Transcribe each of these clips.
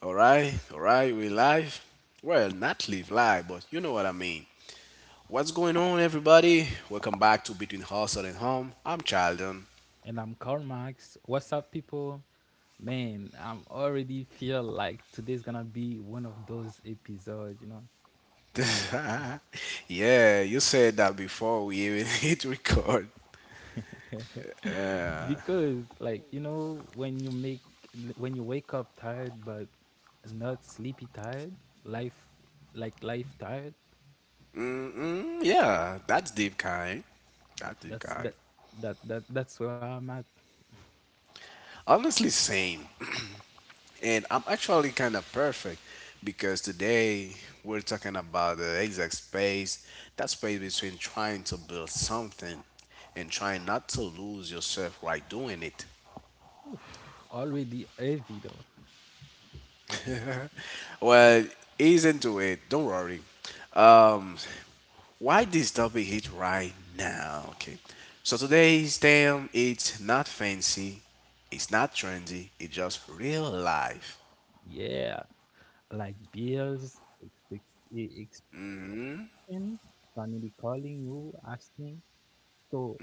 All right, we live. Well, not live live, but you know what I mean. What's going on, everybody? Welcome back to Between Hustle and Home. I'm Childon. And I'm Karl Marx. What's up, people? Man, I'm already feel like today's gonna be one of those episodes, Yeah, you said that before we even hit record. because like when you wake up tired but not sleepy tired, life like life tired. Mm, yeah, that's deep kind. That's deep That's kind. that that that that's where I'm at. Honestly, same. And I'm actually kind of perfect because today we're talking about the exact space, that space between trying to build something and trying not to lose yourself while doing it. Already heavy though. Well, ease into it. Don't worry. Um, why this topic hit right now? Okay. So today's theme, it's not fancy, it's not trendy, it's just real life. Yeah, like bills, expectation, family calling you asking. So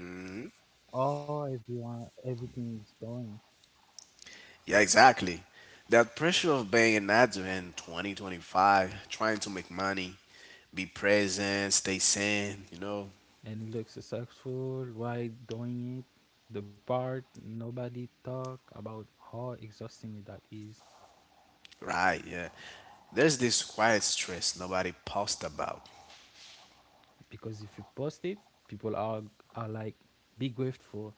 oh, everyone, everything is going. Yeah, exactly. That pressure of being an adult in 2025, trying to make money, be present, stay sane, you know? And look successful while doing it. The part nobody talk about how exhausting that is Right, yeah. There's this quiet stress nobody posts about. because if you post it, people are like be grateful.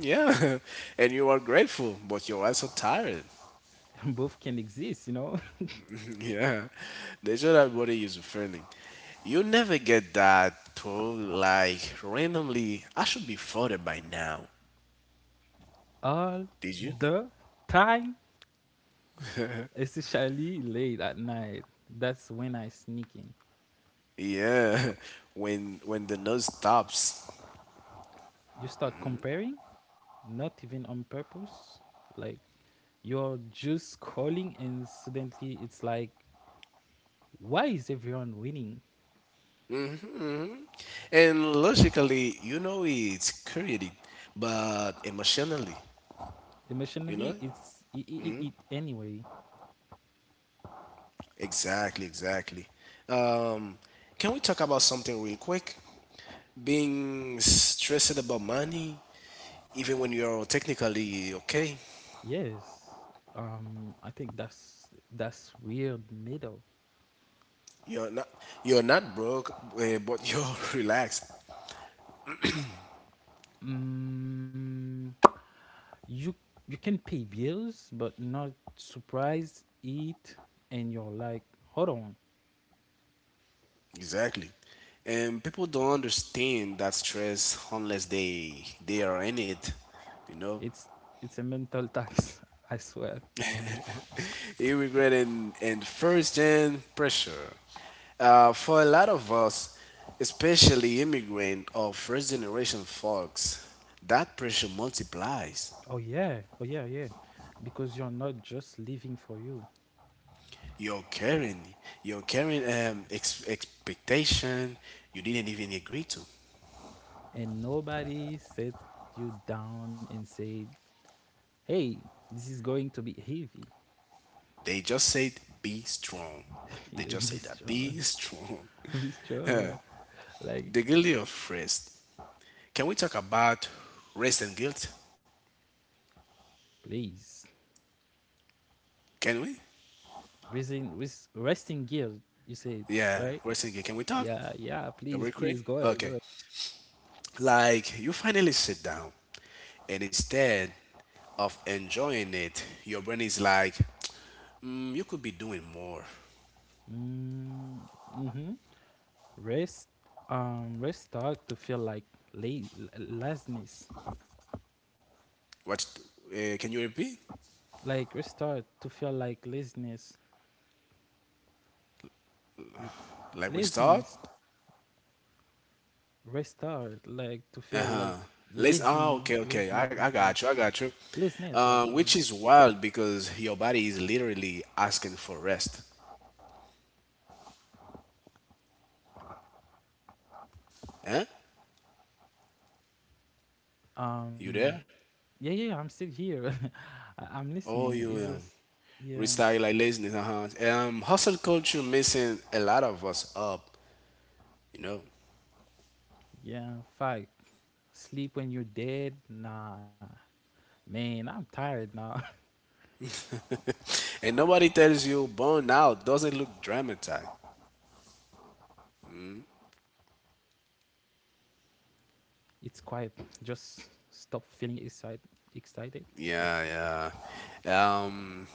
Yeah, and you are grateful, but you're also tired. Both can exist, Yeah, that's what our body is feeling. You never get that thought like randomly. I should be flooded by now. all Did you? the time, especially late at night. That's when I sneak in. Yeah, when the nose stops. You start comparing, not even on purpose. Like you're just calling and suddenly it's like why is everyone winning And logically, you know it's created, but emotionally, you emotionally know? it's it anyway. Exactly, exactly. Um, can we talk about something real quick? Being stressed about money, even when you're technically okay, Yes. I think that's weird middle. you're not you're not broke, but you're relaxed. Mm, you can pay bills but not surprise eat and you're like hold on. Exactly. And people don't understand that stress unless they are in it, you know? It's it's a mental tax, I swear. You regret and first gen pressure. For a lot of us, especially immigrant or first generation folks, that pressure multiplies. Oh yeah, oh yeah, yeah, because you're not just living for you. You're carrying, you're carrying expectation you didn't even agree to. And nobody set you down and said, "Hey, this is going to be heavy. They just said be strong. They You just be said that strong, be strong. be strong." Like, The guilty of rest. Can we talk about rest and guilt? please, Can we? Resting gear. You said, Yeah, right? rest and guilt. Can we talk? Yeah, yeah. Can Please, we quick? please, go ahead, go Okay. ahead. Like you finally sit down, and instead of enjoying it, your brain is like, mm, you could be doing more. Mm, mm-hmm. Rest, rest start to feel like la- laziness. What? Can you repeat? Like restart to feel like laziness, L- Like we start? laziness. Restart like to feel like Let's. Oh, listening okay, okay. listeners. I Yes, got you. I got you. listeners like Which is wild because your body is literally asking for rest. Huh? You um there? yeah, yeah, I'm still here. I- I'm Oh, listening, you. it's just yeah. Restyle like laziness. Uh-huh. Hustle culture messing a lot of us up. You know. Yeah, fight sleep when you're dead, nah man, I'm tired now. And nobody tells you "burnout doesn't look dramatized." It's quiet, just stop feeling excited. Yeah, yeah. Um,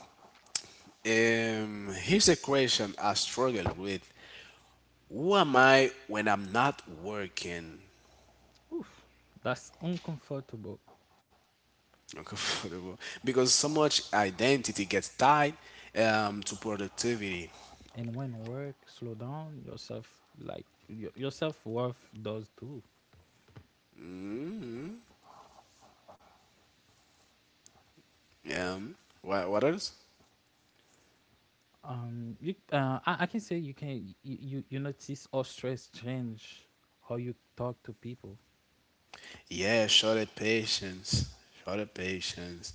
Here's a question I struggle with. Who am I when I'm not working? Oof, that's uncomfortable. Uncomfortable. Because so much identity gets tied to productivity. And when work slow down yourself like your self-worth does too. Um, what else? You, I can say you can you notice how stress change how you talk to people. Yeah, shorter patience. Shorter patience.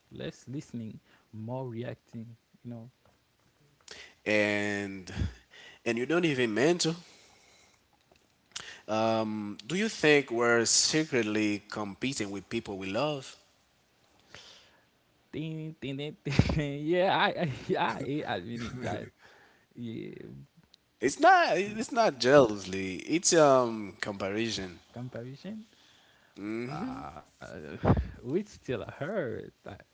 Less listening, more reacting. You know, And and you don't even mean to. Do you think we're secretly competing with people we love? ding ding ding, ding. Yeah, yeah, I hate admitting that. Yeah, It's not. It's not jealously. It's comparison. comparison. Uh, which still hurt. That,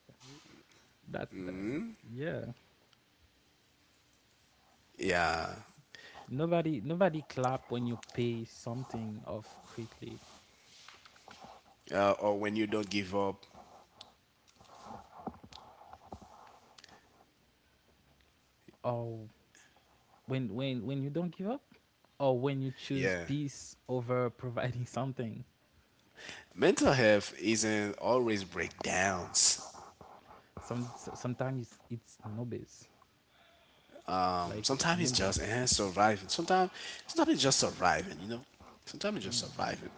that that yeah. Yeah. Nobody clap when you pay something off quickly. Or when you don't give up. Or when you don't give up, or when you choose Yeah. peace over providing something. Mental health isn't always breakdowns. Some sometimes it's numbness, like it's Sometimes it's just numbness. Surviving. Sometimes it's just surviving. You know. Sometimes it's just Yeah, surviving.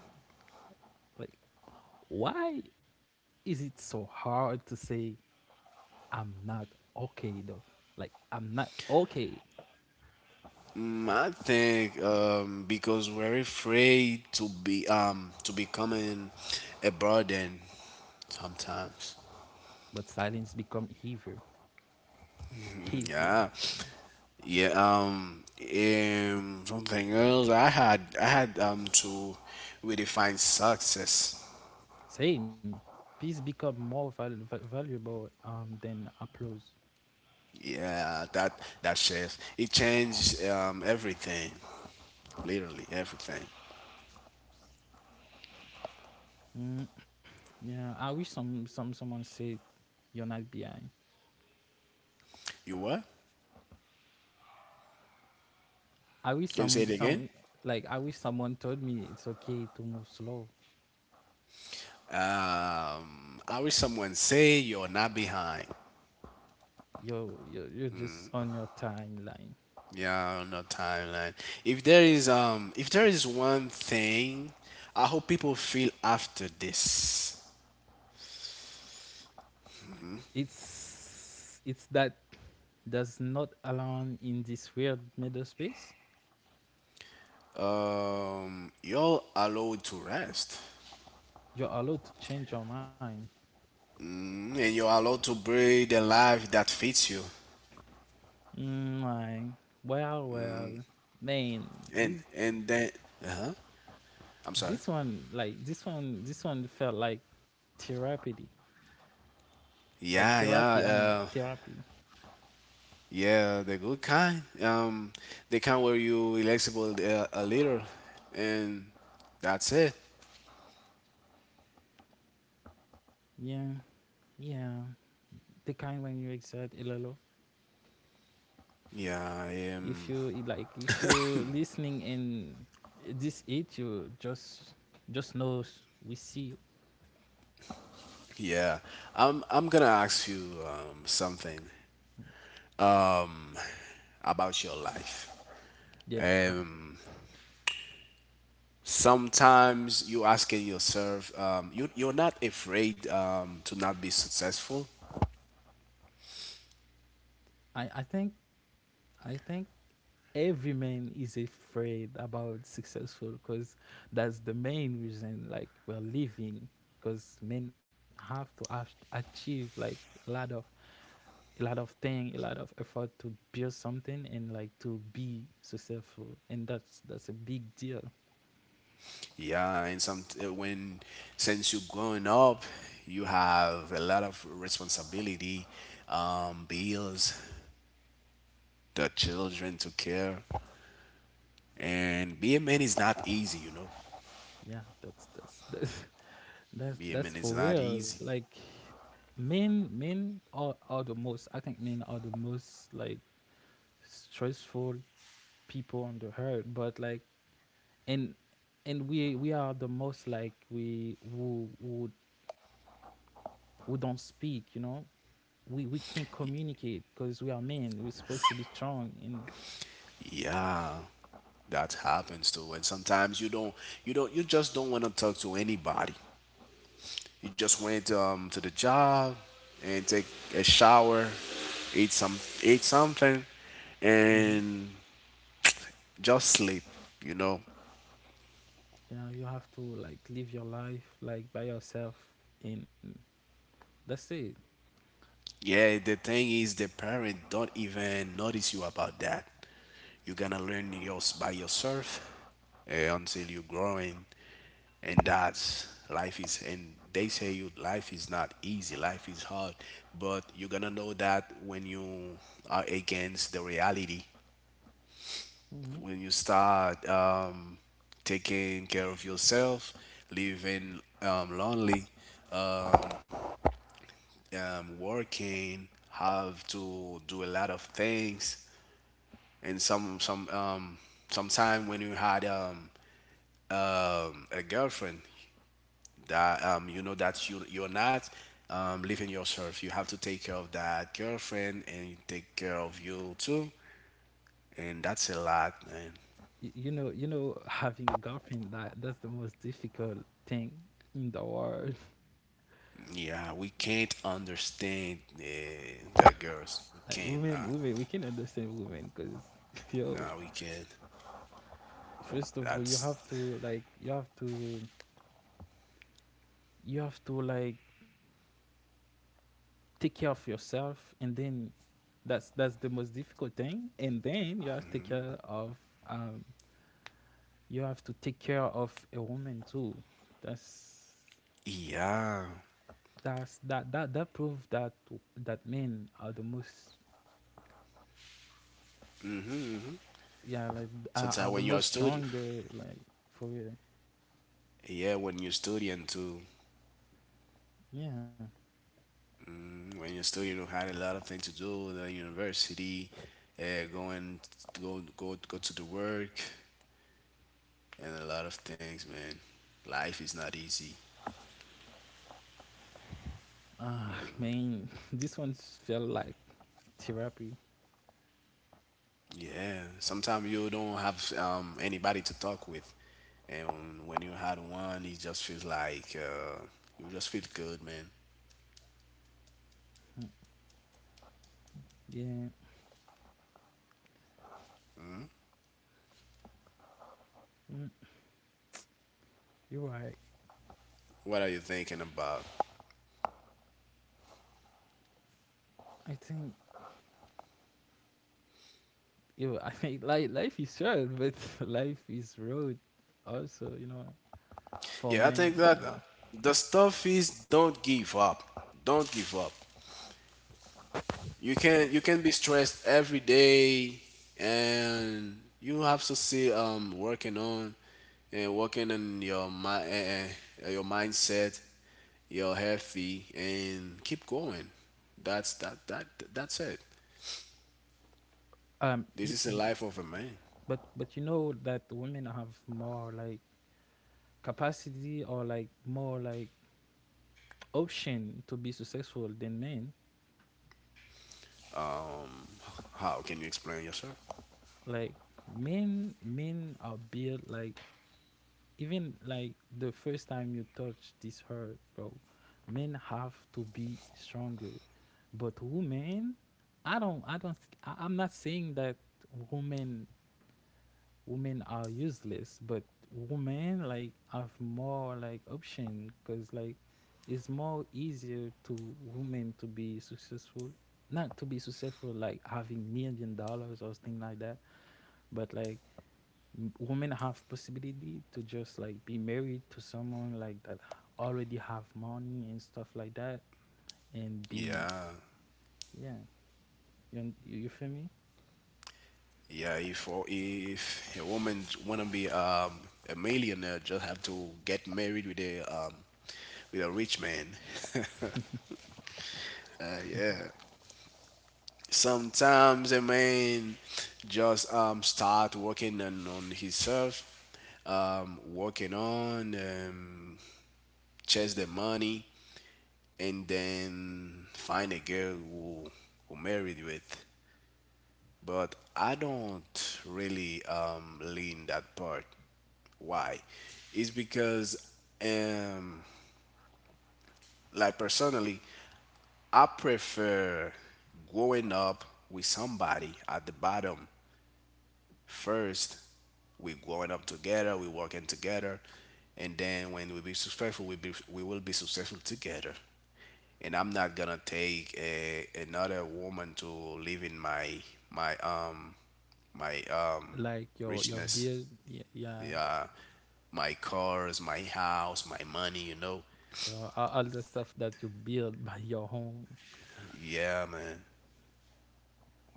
like why is it so hard to say I'm not okay though, like I'm not okay. Mm, I think because we're afraid to be to becoming a burden sometimes. But silence become Yeah. heavier. Yeah. Something else. I had. I had. To redefine success. Same, peace become more valuable than applause. Yeah. That. That shift. It changed. Everything. Literally everything. Mm, yeah, I wish someone said you're not behind. You what? I wish Can you say it again? some Like I wish someone told me it's okay to move slow. I wish someone say you're not behind. You're just on your timeline. Yeah. No timeline. If there is. If there is one thing, I hope people feel after this. It's that does not alone in this weird middle space. You're allowed to rest. You're allowed to change your mind. And you're allowed to breathe the life that fits you. Mm, like, well, well, man, And this and then, uh-huh. I'm sorry. this one this one felt like therapy, Yeah, like yeah, therapy. I uh, mean therapy. yeah, the good kind. The kind where you flexible a little, and that's it. Yeah, yeah. The kind when you exert a little. Yeah, If um, you like if you listening and this it you just knows we see you. yeah. I'm gonna ask you something about your life. Yeah, Um, Sometimes you asking yourself, you're not afraid to not be successful. I, I I think I think every man is afraid about successful because that's the main reason like we're living, because men have to achieve like a lot of a lot of thing, a lot of effort to build something and like to be successful, and that's a big deal. Yeah, and some when since you're growing up, you have a lot of responsibility, bills, the children to care, and being a man is not easy, you know. Yeah, that's that's Being a man is for not real. easy. Like are the most. I think men are the most like stressful people on the earth. But like, and and we are the most, like, we who who don't speak, you know? We can't communicate because we are men. We're supposed to be strong and Yeah, that happens too. And sometimes you just don't want to talk to anybody. You just went to the job and take a shower, eat some, eat something, mhm. and just sleep. You know, Yeah, you have to like live your life like by yourself, and that's it. yeah, the thing is, the parent don't even notice you about that. You're gonna learn yours by yourself until you're growing, and that's life is. And they say you life is not easy, life is hard, but you're gonna know that when you are against the reality. When you start taking care of yourself, living lonely, working, have to do a lot of things and sometime when you had a girlfriend that you know that you're not living yourself, you have to take care of that girlfriend and take care of you too, and that's a lot, man. You know, you know, having a girlfriend, that that's the most difficult thing in the world. Yeah, we can't understand the girls, we Like can't not. women we can understand women, because yo, No, we can't. first of all you That's... have to like you have to like take care of yourself, and then that's the most difficult thing, and then you have to take care of um you have to take care of a woman too. that's Yeah, that's that that that proves that that men are the most, yeah, like sometimes are the when you are most studying, stronger, like for real. yeah, when you're studying too, Yeah. when you still, you know, had a lot of things to do, the university, uh, going go to the work, and a lot of things, man, life is not easy. Ah, man, this one felt like therapy. Yeah, sometimes you don't have anybody to talk with, and when you had one, it just feels like you just feel good, man. Mm, yeah, mm, you're right. What are you thinking about? I think you. I think like life is short, but life is road. Also, you know, for Yeah, I think men. that Yeah. the stuff is, don't give up, don't give up. You can, you can be stressed every day, and you have to see working on, and working on your mind, your mindset, your healthy, and keep going. That's that's it. This is the You. life of a man. But you know that women have more like capacity or like more like option to be successful than men. How can you explain yourself? Like men are built like, even like the first time you touch this hurt, bro, men have to be stronger. But women, I don't, I don't, I, I'm not saying that women, women are useless, but women like have more like option, because like it's more easier to women to be successful, not to be successful like having million dollars or thing like that, but like women have possibility to just like be married to someone like that already have money and stuff like that, and be Yeah, yeah. You you feel me? yeah, if a woman wanna be a millionaire, just have to get married with a rich man. Uh, yeah, sometimes a man just start working on himself, working on chase the money, and then find a girl who married with. But I don't really lean that part. Why? It's because um like personally, I prefer growing up with somebody at the bottom. First, we growing up together, we working together, and then when we be successful, we will be successful together. And I'm not gonna take a, another woman to live in my my um my Like your richness. build, yeah, yeah, Yeah, my cars, my house, my money. You know. your all the stuff that you build by your own. Yeah, man.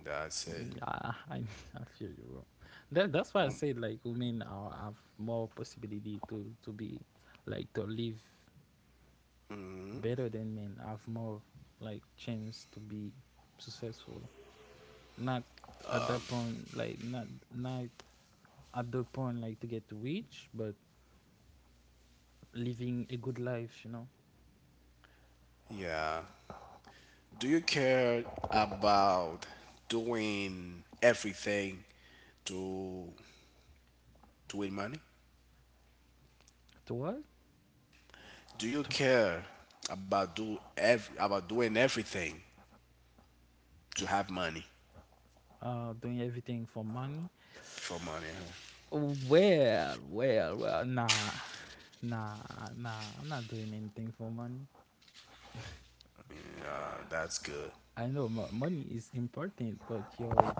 That's it. Yeah, I feel you bro. That's why I Um, said like women are, have more possibility to be like to live better than men, have more like chance to be successful, not at that point, like not not at the point like to get rich, but living a good life, you know. Yeah. Do you care about doing everything to to win money? To what? Do you To care about about doing everything to have money doing everything for money? for money? Huh? Well, nah nah, I'm not doing anything for money. I mean, that's good. I know money is important but your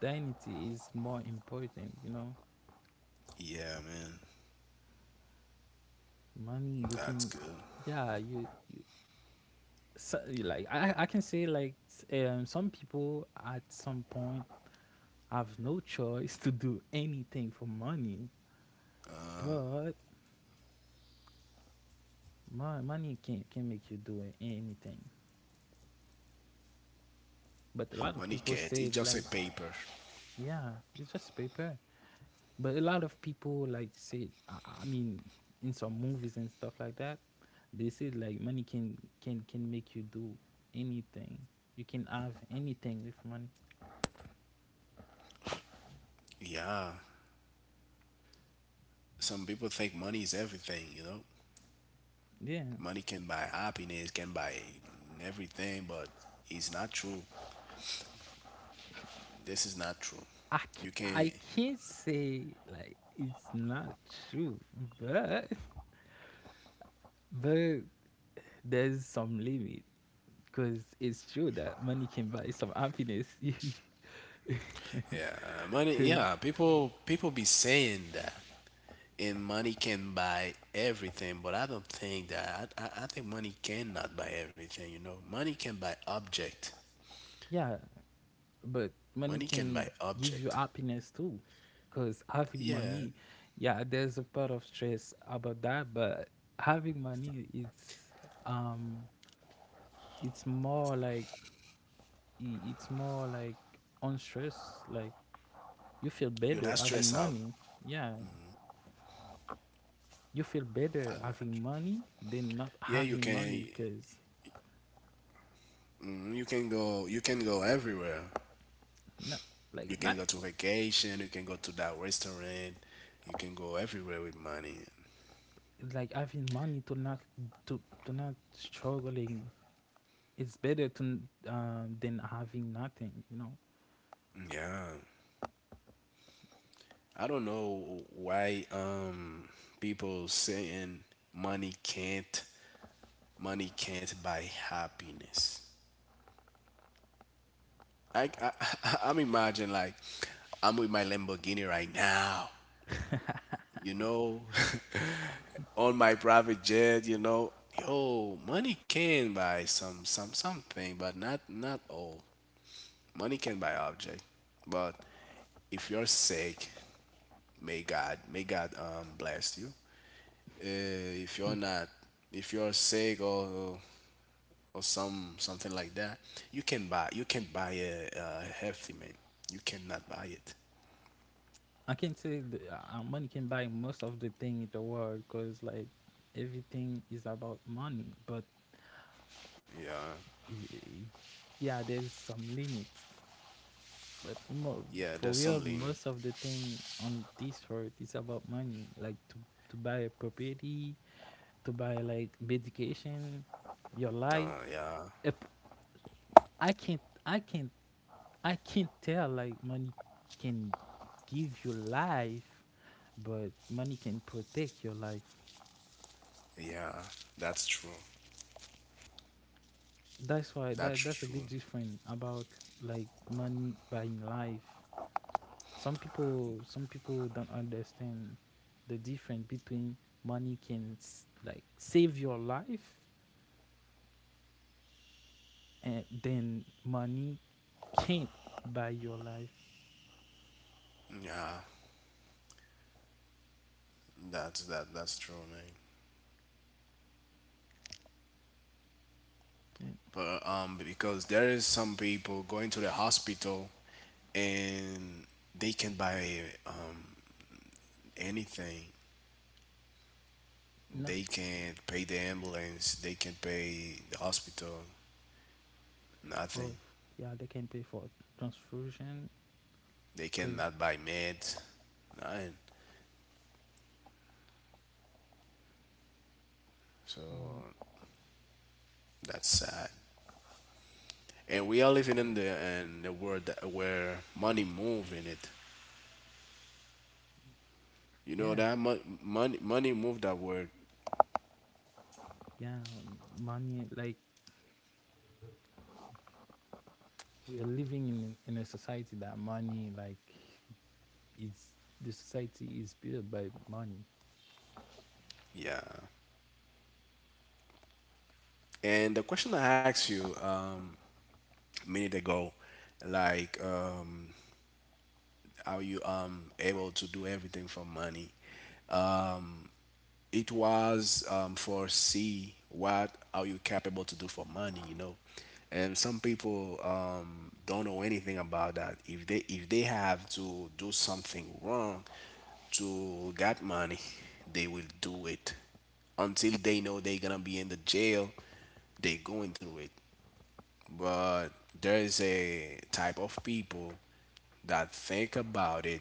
dignity is more important, you know. Yeah, man, Money you that's can, good. yeah, you so, like I can say like some people at some point I've no choice to do anything for money, but my money can't can make you do anything. But a lot of Money people can't. It's say just a like, paper. yeah, it's just paper. But a lot of people like say, I mean, in some movies and stuff like that, they say like money can make you do anything. You can have anything with money. Yeah, some people think money is everything. You know, Yeah, money can buy happiness, can buy everything, but it's not true. This is not true. You can't. I can't say like it's not true, but but there's some limit, because it's true that money can buy some happiness. Yeah, money. Because Yeah, people be saying that, and money can buy everything, but I don't think that I think money cannot buy everything. You know money can buy object. yeah, but money Money can can buy give you object. happiness too. Because having Yeah, money, yeah, there's a part of stress about that, but having money, um, it's more like it's more like on stress. Like you feel you're better not having stressed out. money. Yeah, you feel better I'm not. having money than not Yeah, you having money. can, Because mm, you can go, you can go everywhere. not You can not go to vacation, you can go to that restaurant, you can go everywhere with money. like having money to not to to not struggling, it's better to than having nothing, you know. Yeah, I don't know why people saying money can't, money can't buy happiness. I I'm imagining like I'm with my Lamborghini right now, you know, on my private jet, you know. Yo, money can buy some something, but not, not all. Money can buy object, but if you're sick, may God bless you. If you're not, if you're sick or something like that, you can buy a healthy man. You cannot buy it. I can say the, money can buy most of the thing in the world, because like everything is about money. But Yeah, i- i- yeah, there's some limits, but yeah. There's for some real limit. most of the thing on this earth is about money, like to buy a property, to buy like medication, your life. Yeah, If I can't I can't tell like money can give you life, but money can protect your life. yeah. That's true. That's why That's that's a true. big difference about like money buying life. Some people don't understand the difference between money can like save your life and then money can't buy your life. Yeah, that's that. That's true, man. Mm, But because there is some people going to the hospital, and they can buy um, anything. not They can't pay the ambulance. They can't pay the hospital. for, Nothing. yeah they can pay for transfusion, They because cannot buy meds, nothing. So uh, that's sad. And we are living in the world that, where money move in it. You know yeah, that money move that word. yeah, money. Like we are living in a society that money, like, is the society is built by money. Yeah. And the question I asked you a minute ago, like are you able to do everything for money? It was for see what are you capable to do for money, you know, and some people don't know anything about that. If they if they have to do something wrong to get money, they will do it. Until they know they're gonna be in the jail, they going through it. But there is a type of people that think about it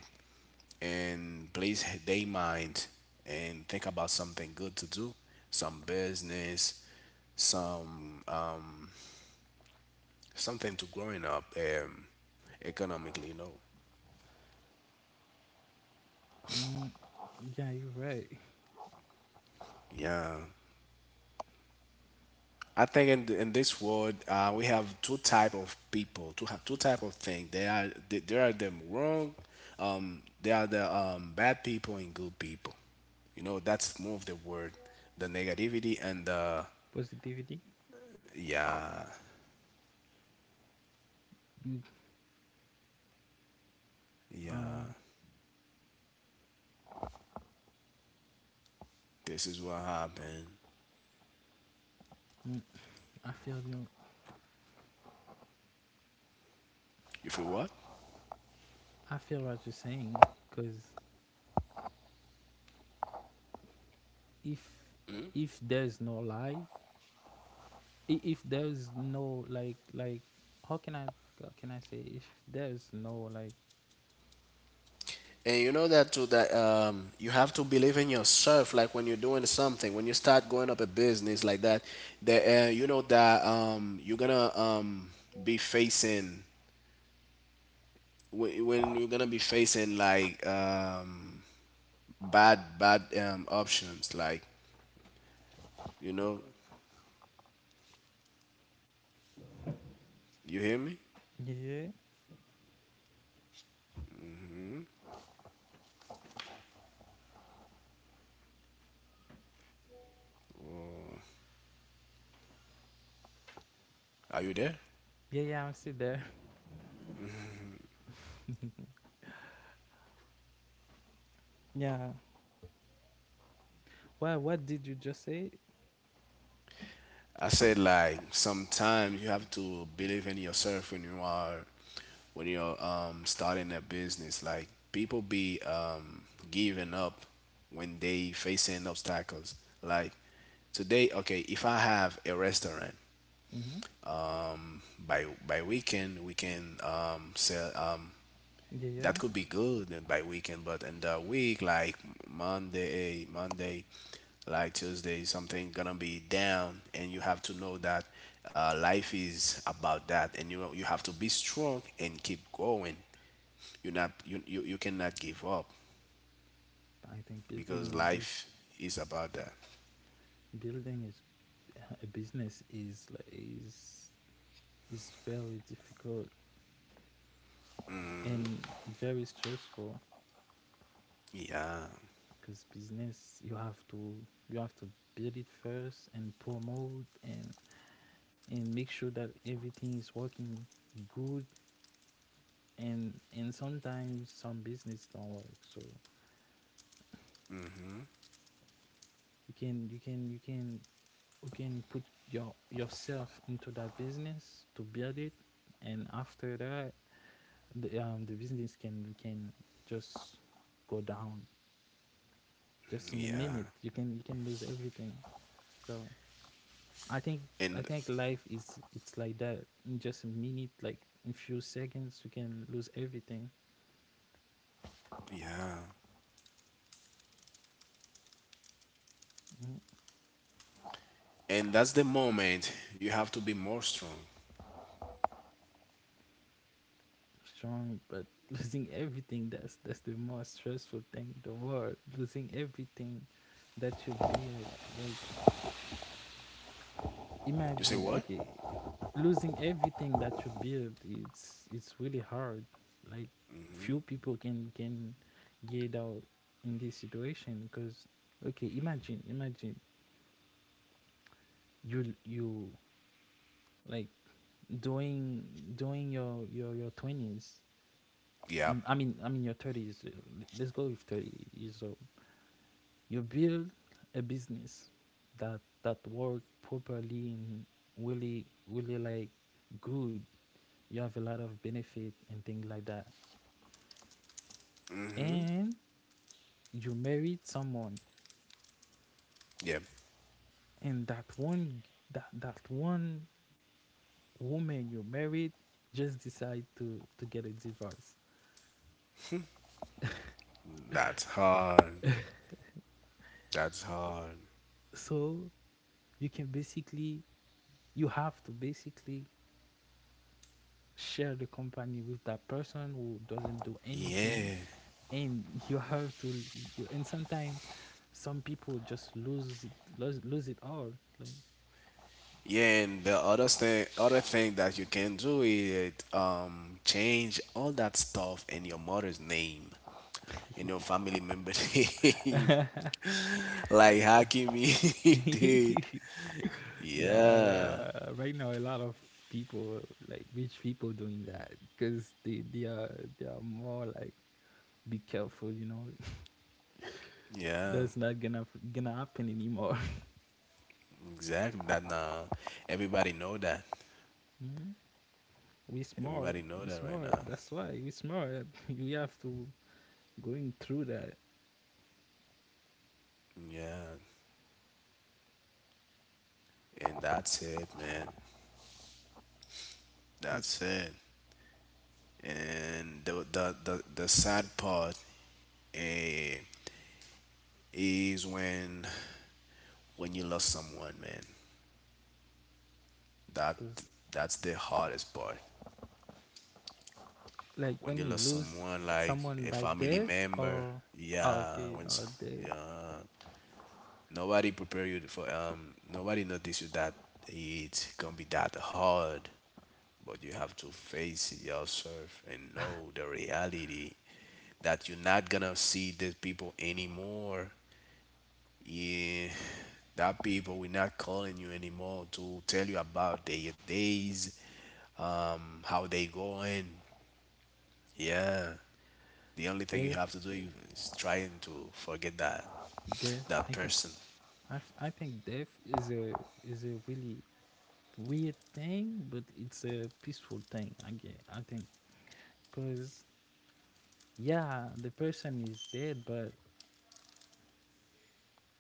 and place their mind and think about something good to do, some business, some something to growing up economically. You know, Mm, yeah, you're right. yeah. I think in this world, we have two type of people, two type of thing. There are them wrong. There are the bad people and good people. You know, that's more of the word, the negativity and the. Positivity. Yeah, Mm, yeah. um, This is what happened. mm, I feel you. If you feel what? I feel what you're saying. Cause if if there's no lie, if there's no like like, how can I, how can I say, if there's no like And you know that too, that you have to believe in yourself. Like when you're doing something, when you start going up a business like that, you know that you're gonna be facing when you're gonna be facing like bad options. Like, you know, you hear me? yeah. Are you there? Yeah, yeah, I'm still there. Yeah. Well, what did you just say? I said like sometimes you have to believe in yourself when you're starting a business. Like people be giving up when they facing obstacles. Like, today, okay, if I have a restaurant, Mm-hmm. by weekend we can sell, Yeah, that yeah. could be good, and by weekend, but in the week, like Monday, Monday, like Tuesday, something gonna be down, and you have to know that, life is about that, and you have to be strong and keep going. You not you you, you cannot give up I think building because a life bus, is about that. building is a business is like is very difficult and very stressful. Yeah, Because business, you have to build it first and promote and make sure that everything is working good. And sometimes some business don't work, so you can you can you can you can put yourself into that business to build it, and after that the business can just go down. Just in a yeah, minute you can lose everything. So i think i and think life is it's like that. In just a minute, like in few seconds, you can lose everything. yeah, Mm. and that's the moment you have to be more strong. Strong, but losing everything, that's the most stressful thing in the world. Losing everything that you build, like, You say imagine, what? okay. Losing everything that you build, it's really hard. Like, few people can get out in this situation. Because, okay, imagine you, like, doing doing your 20s. Yeah, I mean your 30s, let's go with 30 years old, you build a business that work properly and really, really, like, good. You have a lot of benefit and things like that, and you married someone, yeah, and that one woman you married just decide to get a divorce. that's hard. That's hard. So you can basically you have to basically share the company with that person who doesn't do anything, Yeah, and you have to you and sometimes some people just lose it, lose it all. yeah, and the other thing, that you can do is change all that stuff in your mother's name, in your Like. family member's name, like Hakimi did. Yeah, Yeah, right now a lot of people, like rich people, doing that because they are more like, be careful, yeah, That's not gonna happen anymore. exactly. That now everybody know that. Mhm. We smart, Everybody know we that right smart. now. That's why we smart. We have to going through that. Yeah, and that's it, man. Mm. That's it. And the sad part, eh, is when you love someone, man. That 'Cause, that's the hardest part. like When when you you love lose someone, like someone a by family death. member. Or, oh, Yeah, okay, or death, yeah, nobody prepare you for, nobody notice you that it can be that hard, but you have to face it yourself and know the reality that you're not gonna see these people anymore. Yeah, that people we're not calling you anymore to tell you about their days, how they go in. Yeah. The only thing you death, have to do is trying to forget that death. I that think person. I think death is a really weird thing, but it's a peaceful thing. I get, I think, because, yeah, the person is dead, but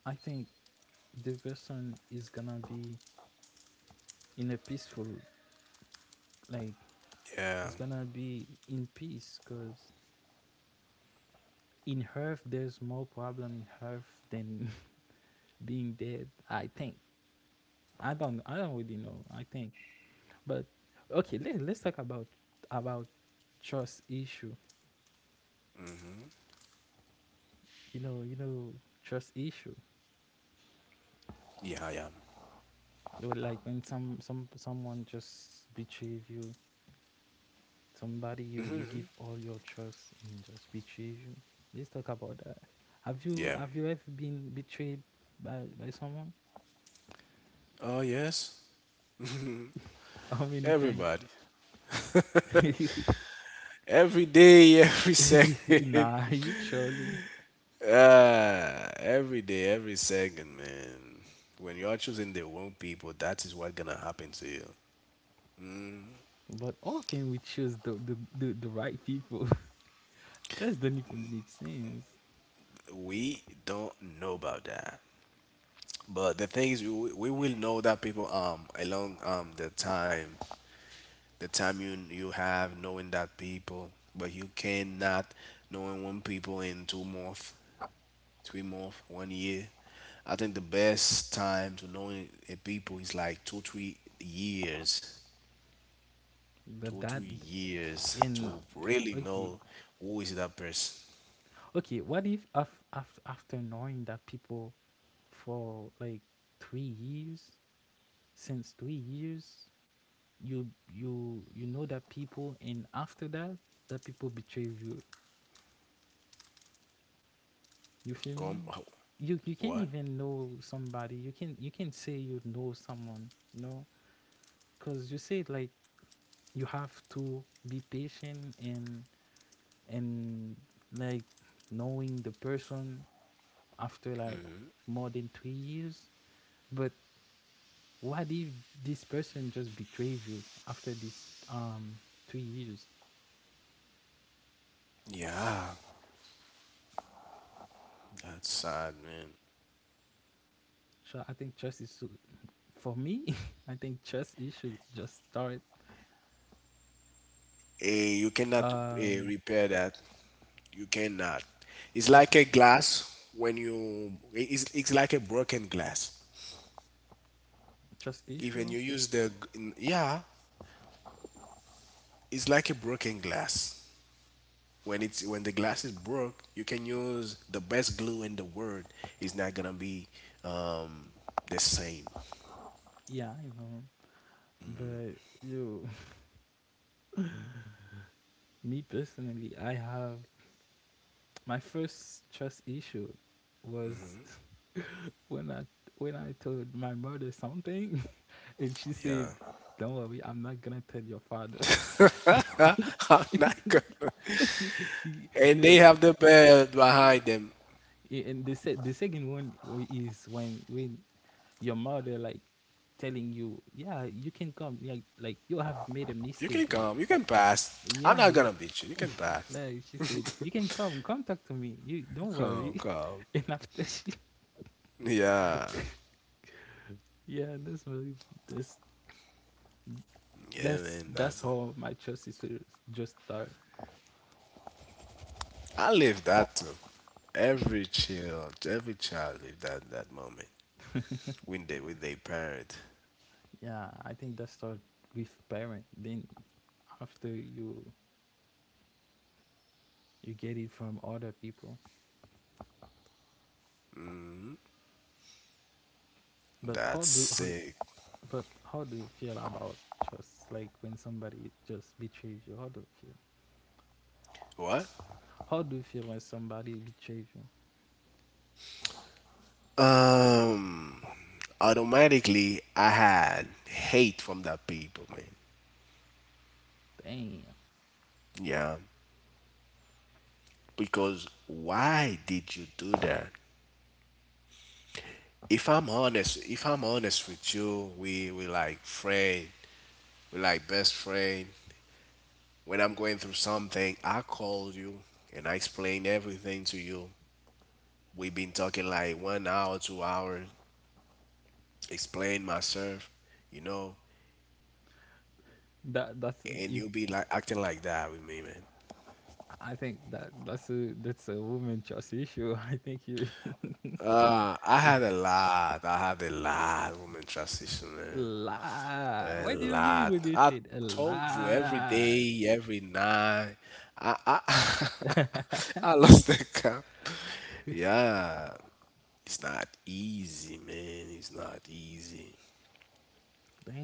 I think the person is gonna be in a peaceful, like, Yeah, it's gonna be in peace, because in Earth there's more problem in Earth than being dead. I think. I don't. I don't really know. I think, but okay. Let's talk about about trust issue. You know. You know trust issue. yeah, yeah, Well, like when someone just betray you, somebody you give all your trust and just betray you. Let's talk about that. Have you yeah. have you ever been betrayed by someone? Oh yes, How many times? everybody, every day, every second. Nah, you trolling. Ah, every day, every second, man. When you are choosing the wrong people, that is what gonna happen to you. But how can we choose the right people? That doesn't even make sense. We don't know about that, but the thing is, we will know that people along the time, you have knowing that people, but you cannot knowing one people in 2 month, 3 month, one year. I think the best time to know a people is like 2 to 3 years, But two that three years to and really okay, know who is that person. Okay, what if after knowing that people for like 3 years, since 3 years, you you know that people, and after that, that people betray you. You feel Come, me? You can't what? even know somebody. You can not say you know someone. You know, because you said like you have to be patient and like knowing the person after like more than 3 years. But what if this person just betrayed you after this 2 years? Yeah, that's sad, man. So I think trust is, for me. I think trust issue just start. You cannot Um, repair that. You cannot. It's Trust like a issue, glass when you. It's like a broken glass. trust Even issue. you use the. Yeah, it's like a broken glass. When the glass is broke, you can use the best glue in the world. It's not gonna be, um, the same. Yeah, I know, but you, me personally, I have my first trust issue was, when I told my mother something, and she said, Yeah, "Don't worry, I'm not gonna tell your father." I'm not gonna. Y- And they the have the bell behind them. and the se- the second one is when your mother, like, telling you, "Yeah, you can come," like you have made a You mistake, can like, come. You can pass. I'm yeah, not you, gonna beat you. You can pass. like she said, "You can come, come talk to me. You don't Come, worry." come. And after she, Yeah, yeah, that's really that's yeah, man. that's That how my choice is to just start. I live that too. Every child live that moment when they with their parent. Yeah, I think that start with parent. Then after you get it from other people. But how That's do how, sick. but how do you feel about trust? Like when somebody just betrays you, how do you feel? What? How do you feel when somebody betrays you? Um, automatically I had hate from that people, man. Damn, Yeah, because why did you do that? If I'm honest with you, we like friend, we like best friend. When I'm going through something, I call you and I explain everything to you. We've been talking like one hour, 2 hours, explain myself, you know, that's and you. you be like acting like that with me, man. I think that's a woman trust issue. I think you I had a lot. I had a lot woman transition, man. lie. A What do you mean when lot. you I said a told you every lie? day, every night. I I lost the count. Yeah, it's not easy, man. It's not easy.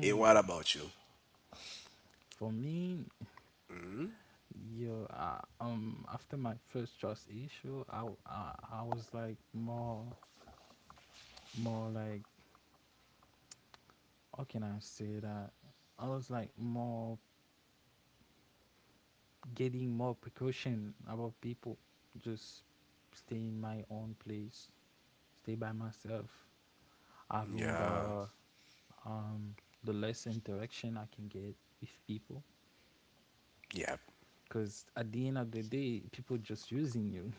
Hey, what about you? For me, yo, after my first trust issue, I, w- I was like more, like, how can I say that? I was like more getting more precaution about people, just stay in my own place, stay by myself, having Yeah, um the less interaction I can get with people. yeah, Cause at the end of the day, people just using you.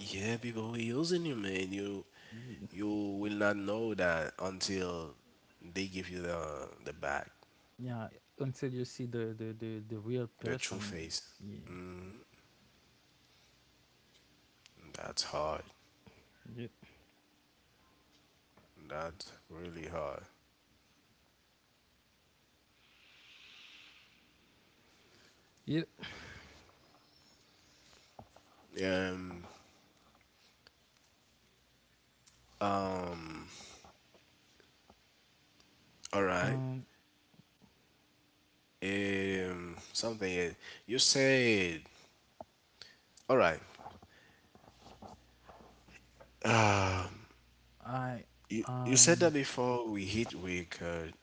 yeah. People who using you, man, you will not know that until they give you the back, Yeah, until you see the real the true person. face. Yeah. That's hard. That's really hard. Yeah. Um. Um. All right. um Something else, you said. All right. I You said um that before we hit record.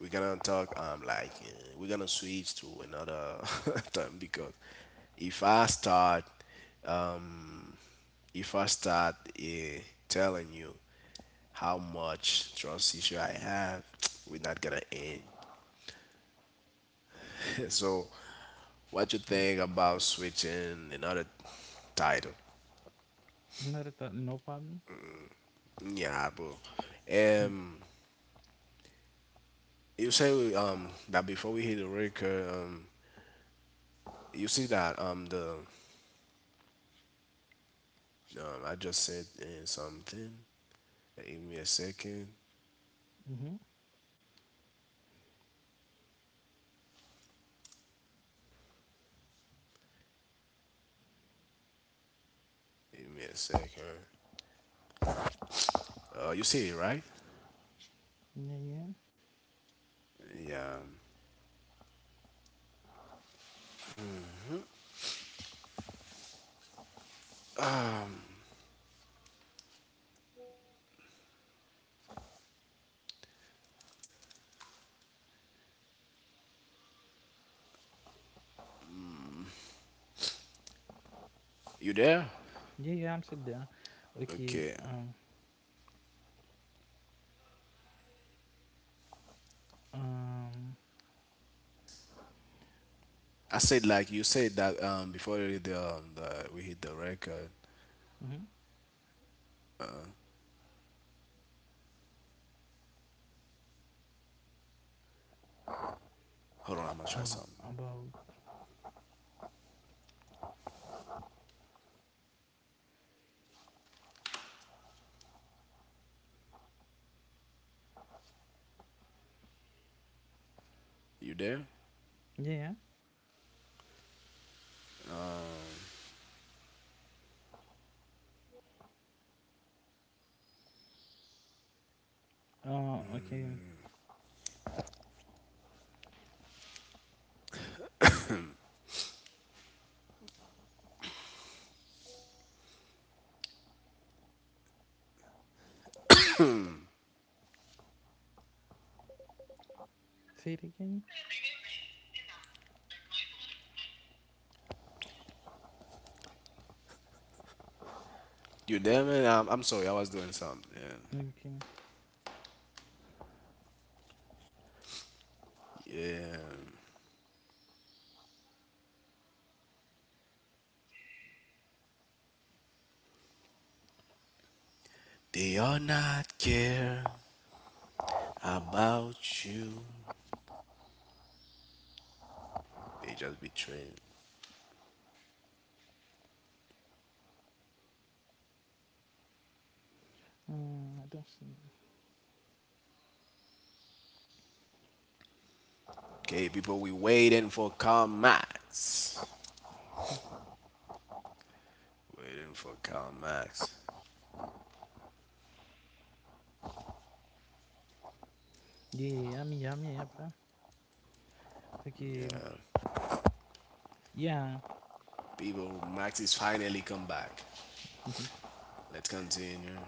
We're gonna talk like we're gonna switch to another term because if I start, um if I start, uh, telling you how much trust issue I have, we're not gonna end. So, what you think about switching another title? Another thought, no problem. Yeah, bro. um you say we, that before we hit the record, you see that the I just said, something. Give me a second. Mm-hmm. Give me a second. You see it, right? Yeah, yeah, Yeah. You there? yeah, yeah, I'm sitting there. Okay. Okay. Um I said like you said that before the we hit the record. mm-hmm. Hold on, I'm gonna try uh, something. about. You there? Yeah, yeah. Okay, say it again. You there, man? I'm sorry, I was doing something. Okay. Yeah. Yeah. They are not care about you. They just betrayed. I don't see. Okay, people, we waiting for Karl Max. Waiting for Karl Max. Yeah, I'm, yeah, I'm, yeah, bro. Okay. Yeah. Yeah, People, Max is finally come back. Let's continue.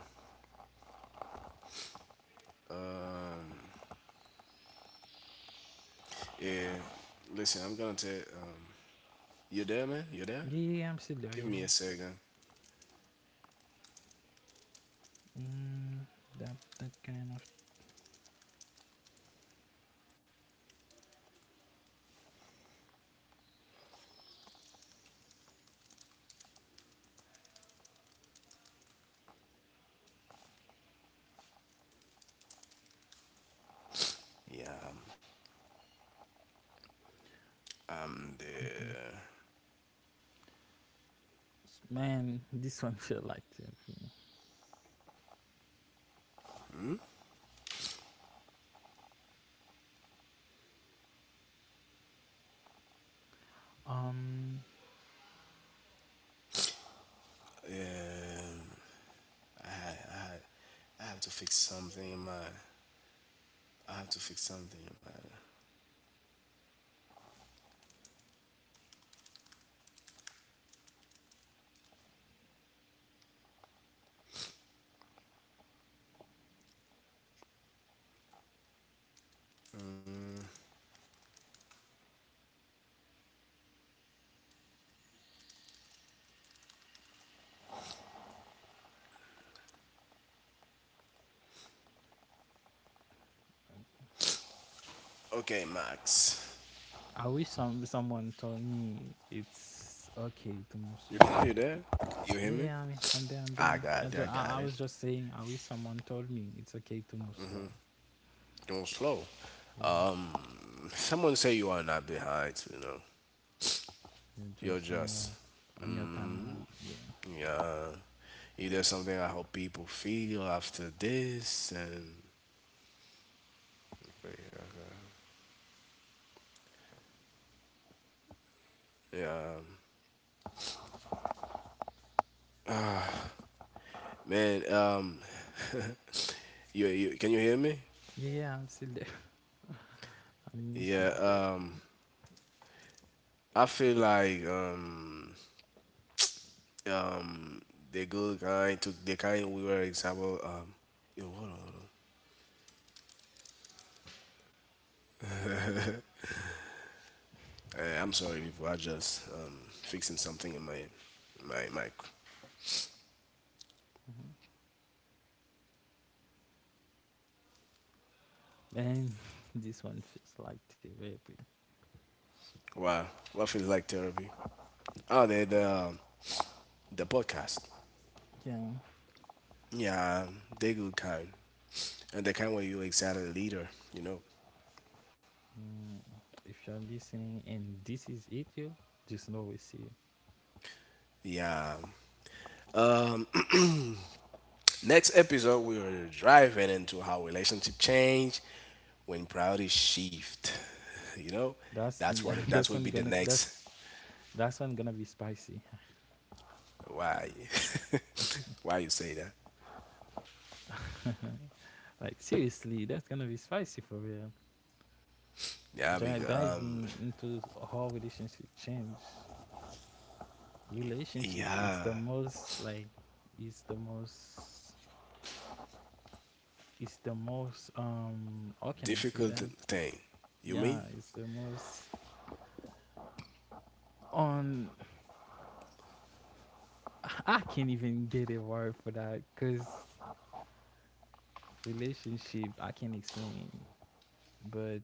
Yeah, listen, I'm gonna tell. You there, man? You there? yeah, yeah. Yeah, I'm still there. Give me Yeah, a second. yeah. Mm, that kind of. Yeah, I'm Okay there. Man, this one felt like therapy. Um, Um, I had, I had, I have to fix something in my. I have to fix something in my. Okay, Max. I wish someone told me it's okay to move You slow. you there? You hear Yeah, me? yeah, I mean, I'm there, I'm I there. I, got it. ju- I got I, I it. was just saying, I wish someone told me it's okay to move slow. Don't slow. Yeah, Someone say you are not behind. You know, you're you're just on just. your on your timeline. Yeah, Yeah. If there's something I hope people feel after this, and yeah, man, you can you hear me? yeah, yeah, I'm still there. I'm Yeah, missing. It. I feel like um, the good guy took the kind we were example. Yo, hold on, hold on. I'm sorry, people. I just fixing something in my mic. Mhm. Man, this one feels like therapy. Wow, what feels like therapy? Oh, the podcast. Yeah. Yeah, they good kind. And the kind where you excited leader, you know. mm, if you're listening and this is it, you just know we see you. Yeah. Um next episode we are driving into how relationship change when priorities shift. You know? That's, yeah, That's that's would one be the gonna that's next. that's one gonna be spicy. Why? Why you say that? Like, seriously, that's gonna be spicy for real. Yeah, because Diving into how relationship change. Relationship, it's yeah. the most like it's the most it's the most, how can I say Difficult that? thing. You Yeah, mean? it's the most, on, I can't even get a word for that because relationship I can't explain. But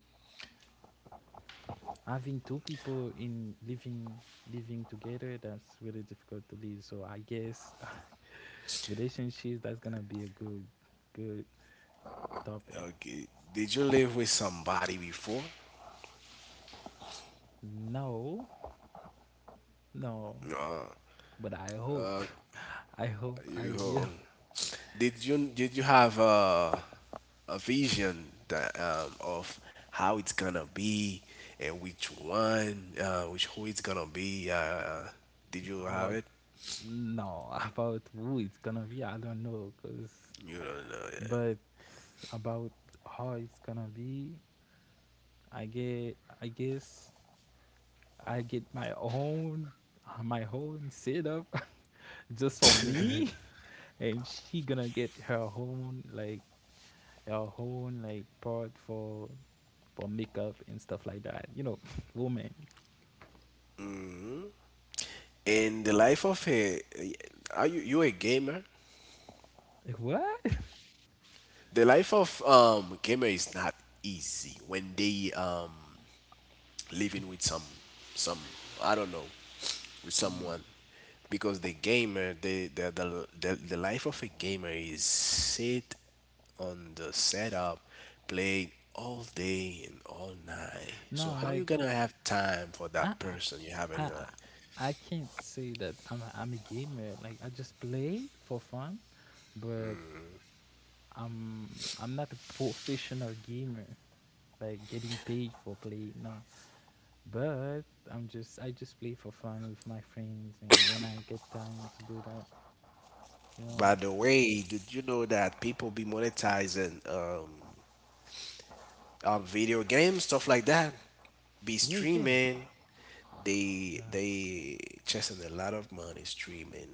having two people in living together, that's really difficult to live, so I guess relationships, that's gonna be a good topic. Okay. Did you live with somebody before? No, no, but I hope, I hope You I will. know, did you have a vision that, of how it's gonna be and which one, which who it's gonna be? Did you have About, it? no, about who it's gonna be, I don't know, because, You don't know. Yeah. but about how it's gonna be, I guess I get my own, setup, just for me, and she gonna get her own, like, part for makeup and stuff like that. You know, woman. In the life of a, are you a gamer? Like what? The life of gamer is not easy when they living with some some I don't know with someone, because the gamer the life of a gamer is sit on the setup, play all day and all night. So No, how you like, gonna have time for I that person you have in your I life? I can't say that I'm a gamer. Like, I just play for fun, but I'm not a professional gamer. Like getting paid for play, no. But I just play for fun with my friends, and when I get time to do that, you By know. the way, did you know that people be monetizing, video games stuff like that, be Yeah, yeah, streaming? Yeah. They chasing a lot of money streaming.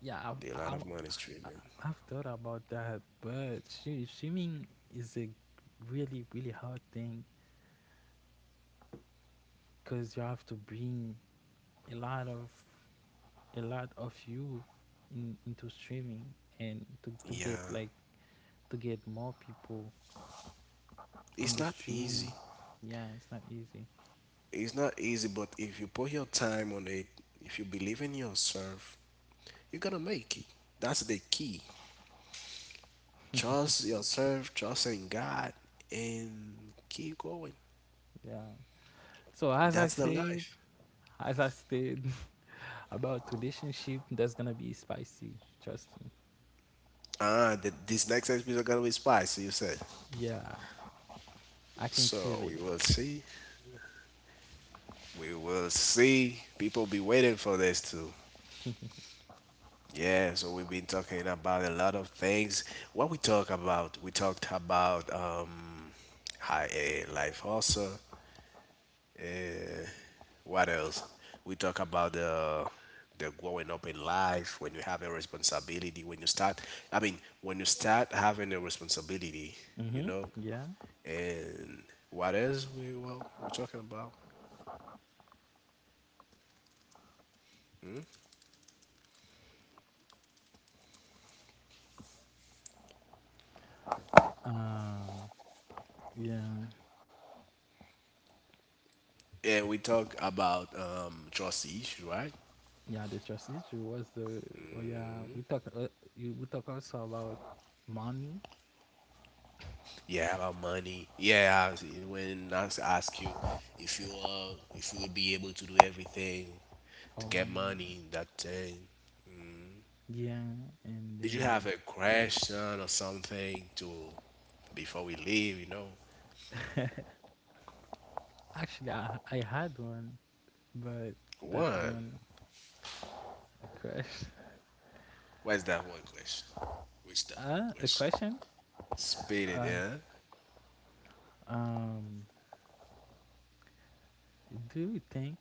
Yeah, The lot I've of money is I, streaming. I've thought about that, but, she, swimming is a really, really hard thing, because you have to bring a lot of a lot of you in into streaming, and to get Yeah, like to get more people on it's the not easy. stream. Yeah, it's not easy. It's not easy, but if you put your time on it, if you believe in yourself, you're gonna make it. That's the key. Trust yourself, trust in God, and keep going. Yeah. So as I That's the said, life. as I said, about relationship, that's gonna be spicy. Trust me. Ah, the, this next episode is gonna be spicy. You said. Yeah, I can feel So it. we will see. We will see. People be waiting for this too. Yeah, so we've been talking about a lot of things. What we talk about, we talked about high, life also. Uh, what else? We talk about the growing up in life when you have a responsibility. When you start, I mean, when you start having a responsibility, you Mm-hmm. know. Yeah. And what else we, well, we're talking about? Uh, yeah, Yeah, we talk about, trust issues, right? yeah, the trust issue was the, oh yeah. We talk also about money Yeah, about money. Yeah, when ask you if you, if you would be able to do everything to for get one. money, that thing. Yeah, and Did you have then, a question or something to before we leave? You know, actually I had one, but that one. one a crash. What's that one question? Which that one A question? question. Spit it, Uh, yeah. um, do you think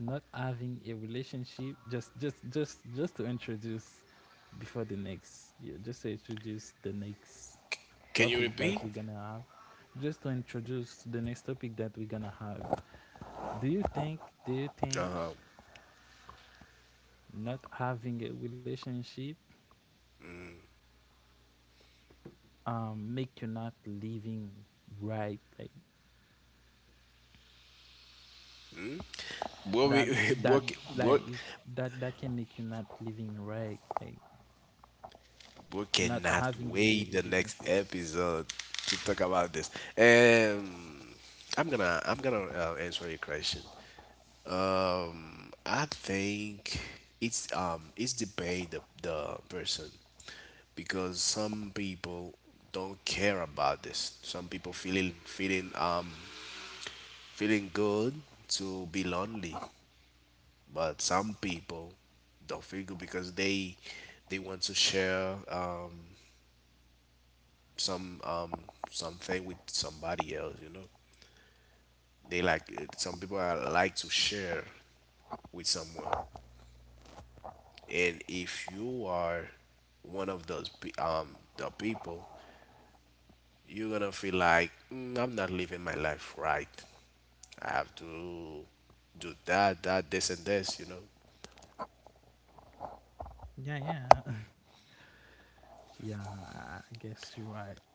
not having a relationship, just to introduce before the next, yeah, just to introduce the next Can you topic that repeat? we're gonna have, just to introduce the next topic that we're gonna have, do you think do you think not having a relationship make you not living right, like What we that that what what. like it's that can make you not living right, like, We not cannot having really a wait the next relationship. episode to talk about this. And I'm gonna answer your question. I think it's, it's debate the person, because some people don't care about this. Some people feeling feeling good to be lonely, but some people don't feel good because they want to share, some something with somebody else, you know, they like some people are like to share with someone, and if you are one of those pe- the people, you're gonna feel like, "Mm, I'm not living my life right. I have to do that, this and this, you know." Yeah, yeah. Yeah, I guess you're right.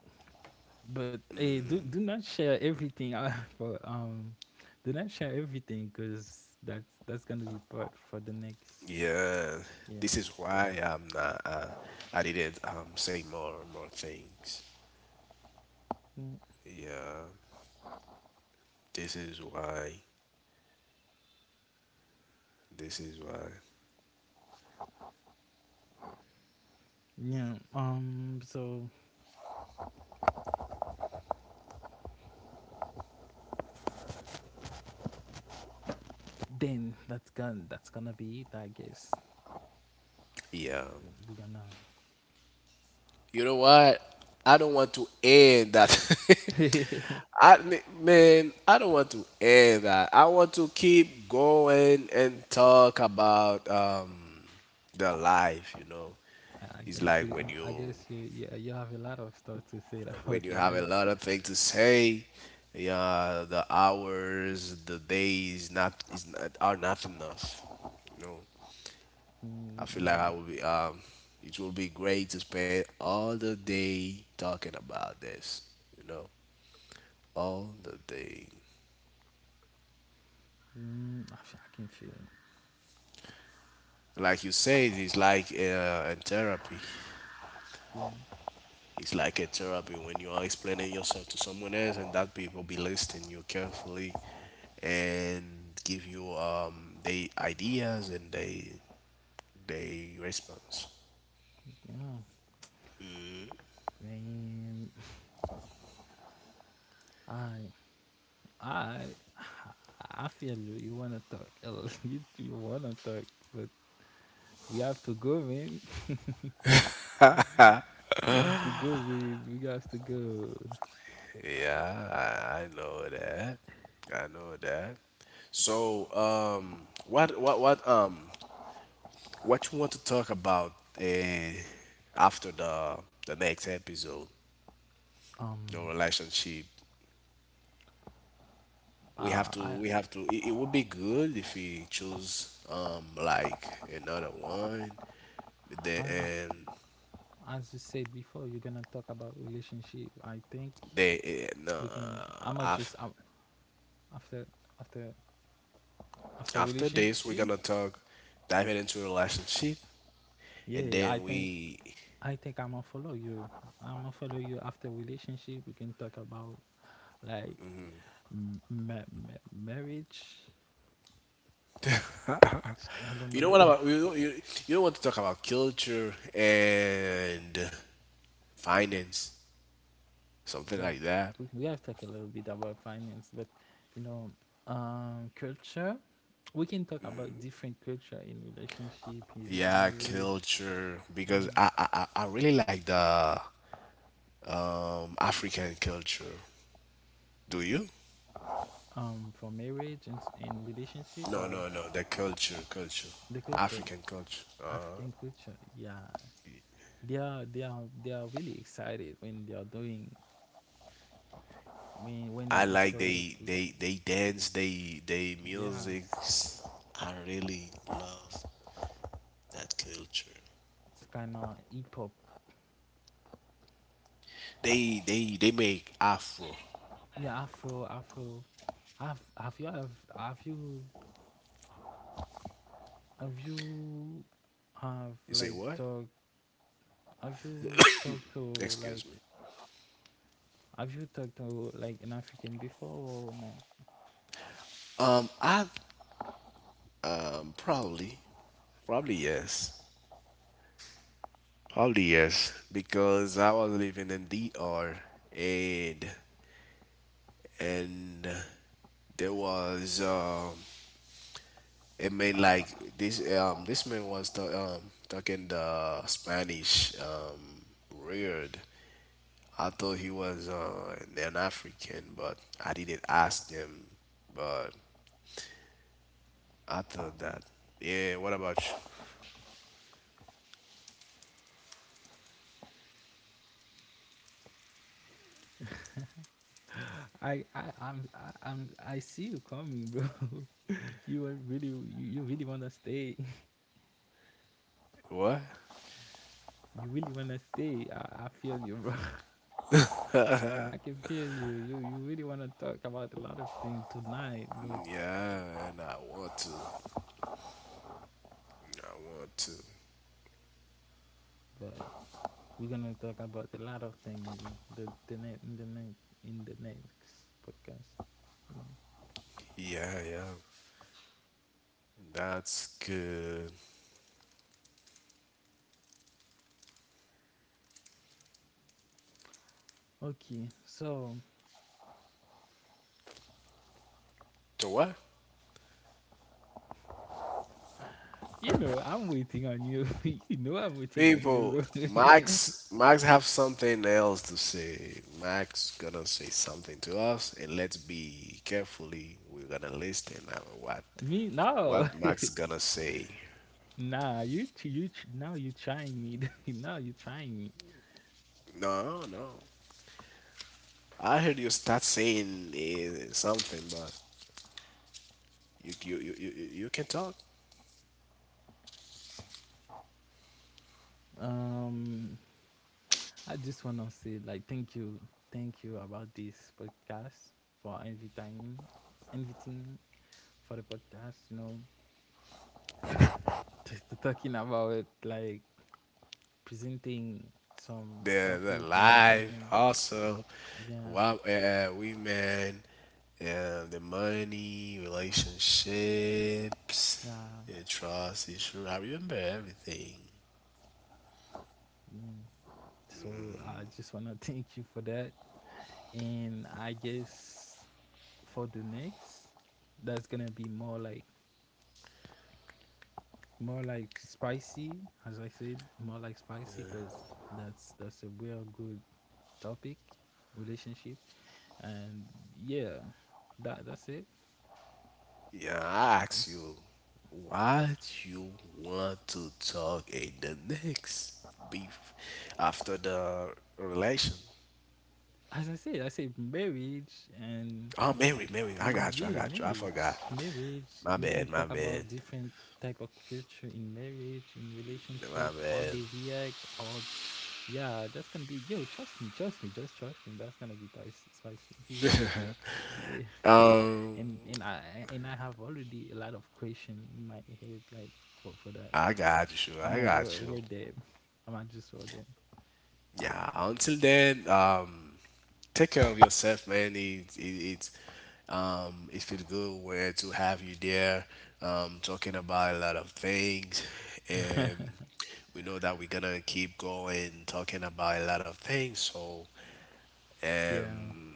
But hey, do not share everything. For, do not share everything, cause that's gonna be part for the next. Yeah, Yeah. this is why I'm not, I didn't say more things. Mm. Yeah, this is why, this is why Yeah. So then that's gonna be it. I guess yeah. we're gonna. You know what? I don't want to end that. I I m- man, I don't want to end that. I want to keep going and talk about, the life, you know. I It's guess you. like when you- you I guess you. Yeah. You have a lot of stuff to say about have a life. lot of things to say, yeah, the hours, the days not is not are not enough. You know. I Mm, feel like yeah. I will be. It will be great to spend all the day talking about this. You know, all the day. Mm, I can feel it. Like you said, it's like in therapy. Yeah. It's like a therapy when you are explaining yourself to someone else, and that people be listening you carefully, and give you they ideas and they response. Yeah. Man. I. I I feel you. You wanna talk. You wanna talk, but we have to go, man. We have to go, man. We have to go. Yeah, I know that. I know that. So, what you want to talk about, uh, after the next episode, your Um, relationship? Uh, I We have to. It would be good if we choose, like another one. The as and as you said before, you're gonna talk about relationship. I think the and, we can. uh, I'ma just, af- after, after, after this, relationship. we're gonna talk, diving into relationship, and Yeah, I then think we. I think I'ma follow you. I'ma follow you after relationship. We can talk about, like, marriage, I don't You know what know. about you, you don't want to talk about culture and finance, something We have like that? we have talked a little bit about finance, but you know, culture. We can talk about different culture in relationship, in Yeah, marriage. culture because Yeah. I really like the, African culture. Do you? For marriage and in relationship, No, or no, no. The culture, the culture, African culture. African culture. Yeah, they are really excited when they are doing, when I when it's like for the they they culture. they dance, they Yeah, music. I really love that culture. it's kind of hip hop. They make afro. Yeah, Afro, Afro. Have have you have have you have you have You say like what? talked have you talked to Excuse like me. Talked to like an African before, or no? I probably. Probably yes. Probably yes. Because I was living in DR, and and there was it made like this, this man was talking the Spanish, weird. I thought he was, an African, but I didn't ask him. But I thought that. Yeah. What about you? I see you coming, bro. You really wanna stay. What? You really wanna stay. I feel you, bro. I can feel you. You really wanna talk about a lot of things tonight, but Yeah, and I want to. I want to. but we're gonna talk about a lot of things the net in the net in the next podcast. You know. Yeah, yeah. That's good. Okay, so, So what? you know, I'm waiting on you. You know, I'm waiting on People, you. Max have something else to say. Max gonna say something to us, and let's be carefully. We're gonna listen at Me, no. what Max gonna say. Nah. Now you trying me. Now you trying me. No, no. I heard you start saying, something, but you can talk. Um, I just wanna say like thank you about this podcast for inviting me for the podcast. You know, just talking about like presenting some The topic and life talking. also, Yeah, what, women, the money, relationships, yeah, the trust issue, I remember everything. yeah. So I just wanna thank you for that. And I guess for the next, that's gonna be more like spicy, as I said, more like spicy, cause that's a real good topic, relationship, and yeah, that's it. Yeah, I ask you what you want to talk in the next beef after the relation. As I said marriage, and Oh, Mary, I got you, I yeah, got you, I forgot. marriage, marriage. My We can bad, my talk bad, about different type of culture in marriage, in my relationship, how bad. they react, how. Yeah, that's gonna be, yo. Trust me, just trust me. That's gonna be spicy, spicy. Yeah, um and I have already a lot of question in my head, like for that. I got you. I'm I over got over you. them. I'm just over them. Yeah. Until then, take care of yourself, man. It it feels good where to have you there, talking about a lot of things, and we know that we're gonna keep going talking about a lot of things. So, Yeah, um,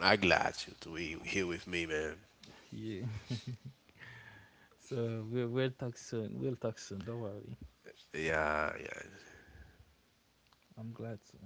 I glad you to be here with me, man. yeah. So we'll talk soon. We'll talk soon. Don't worry. Yeah. Yeah. I'm glad to.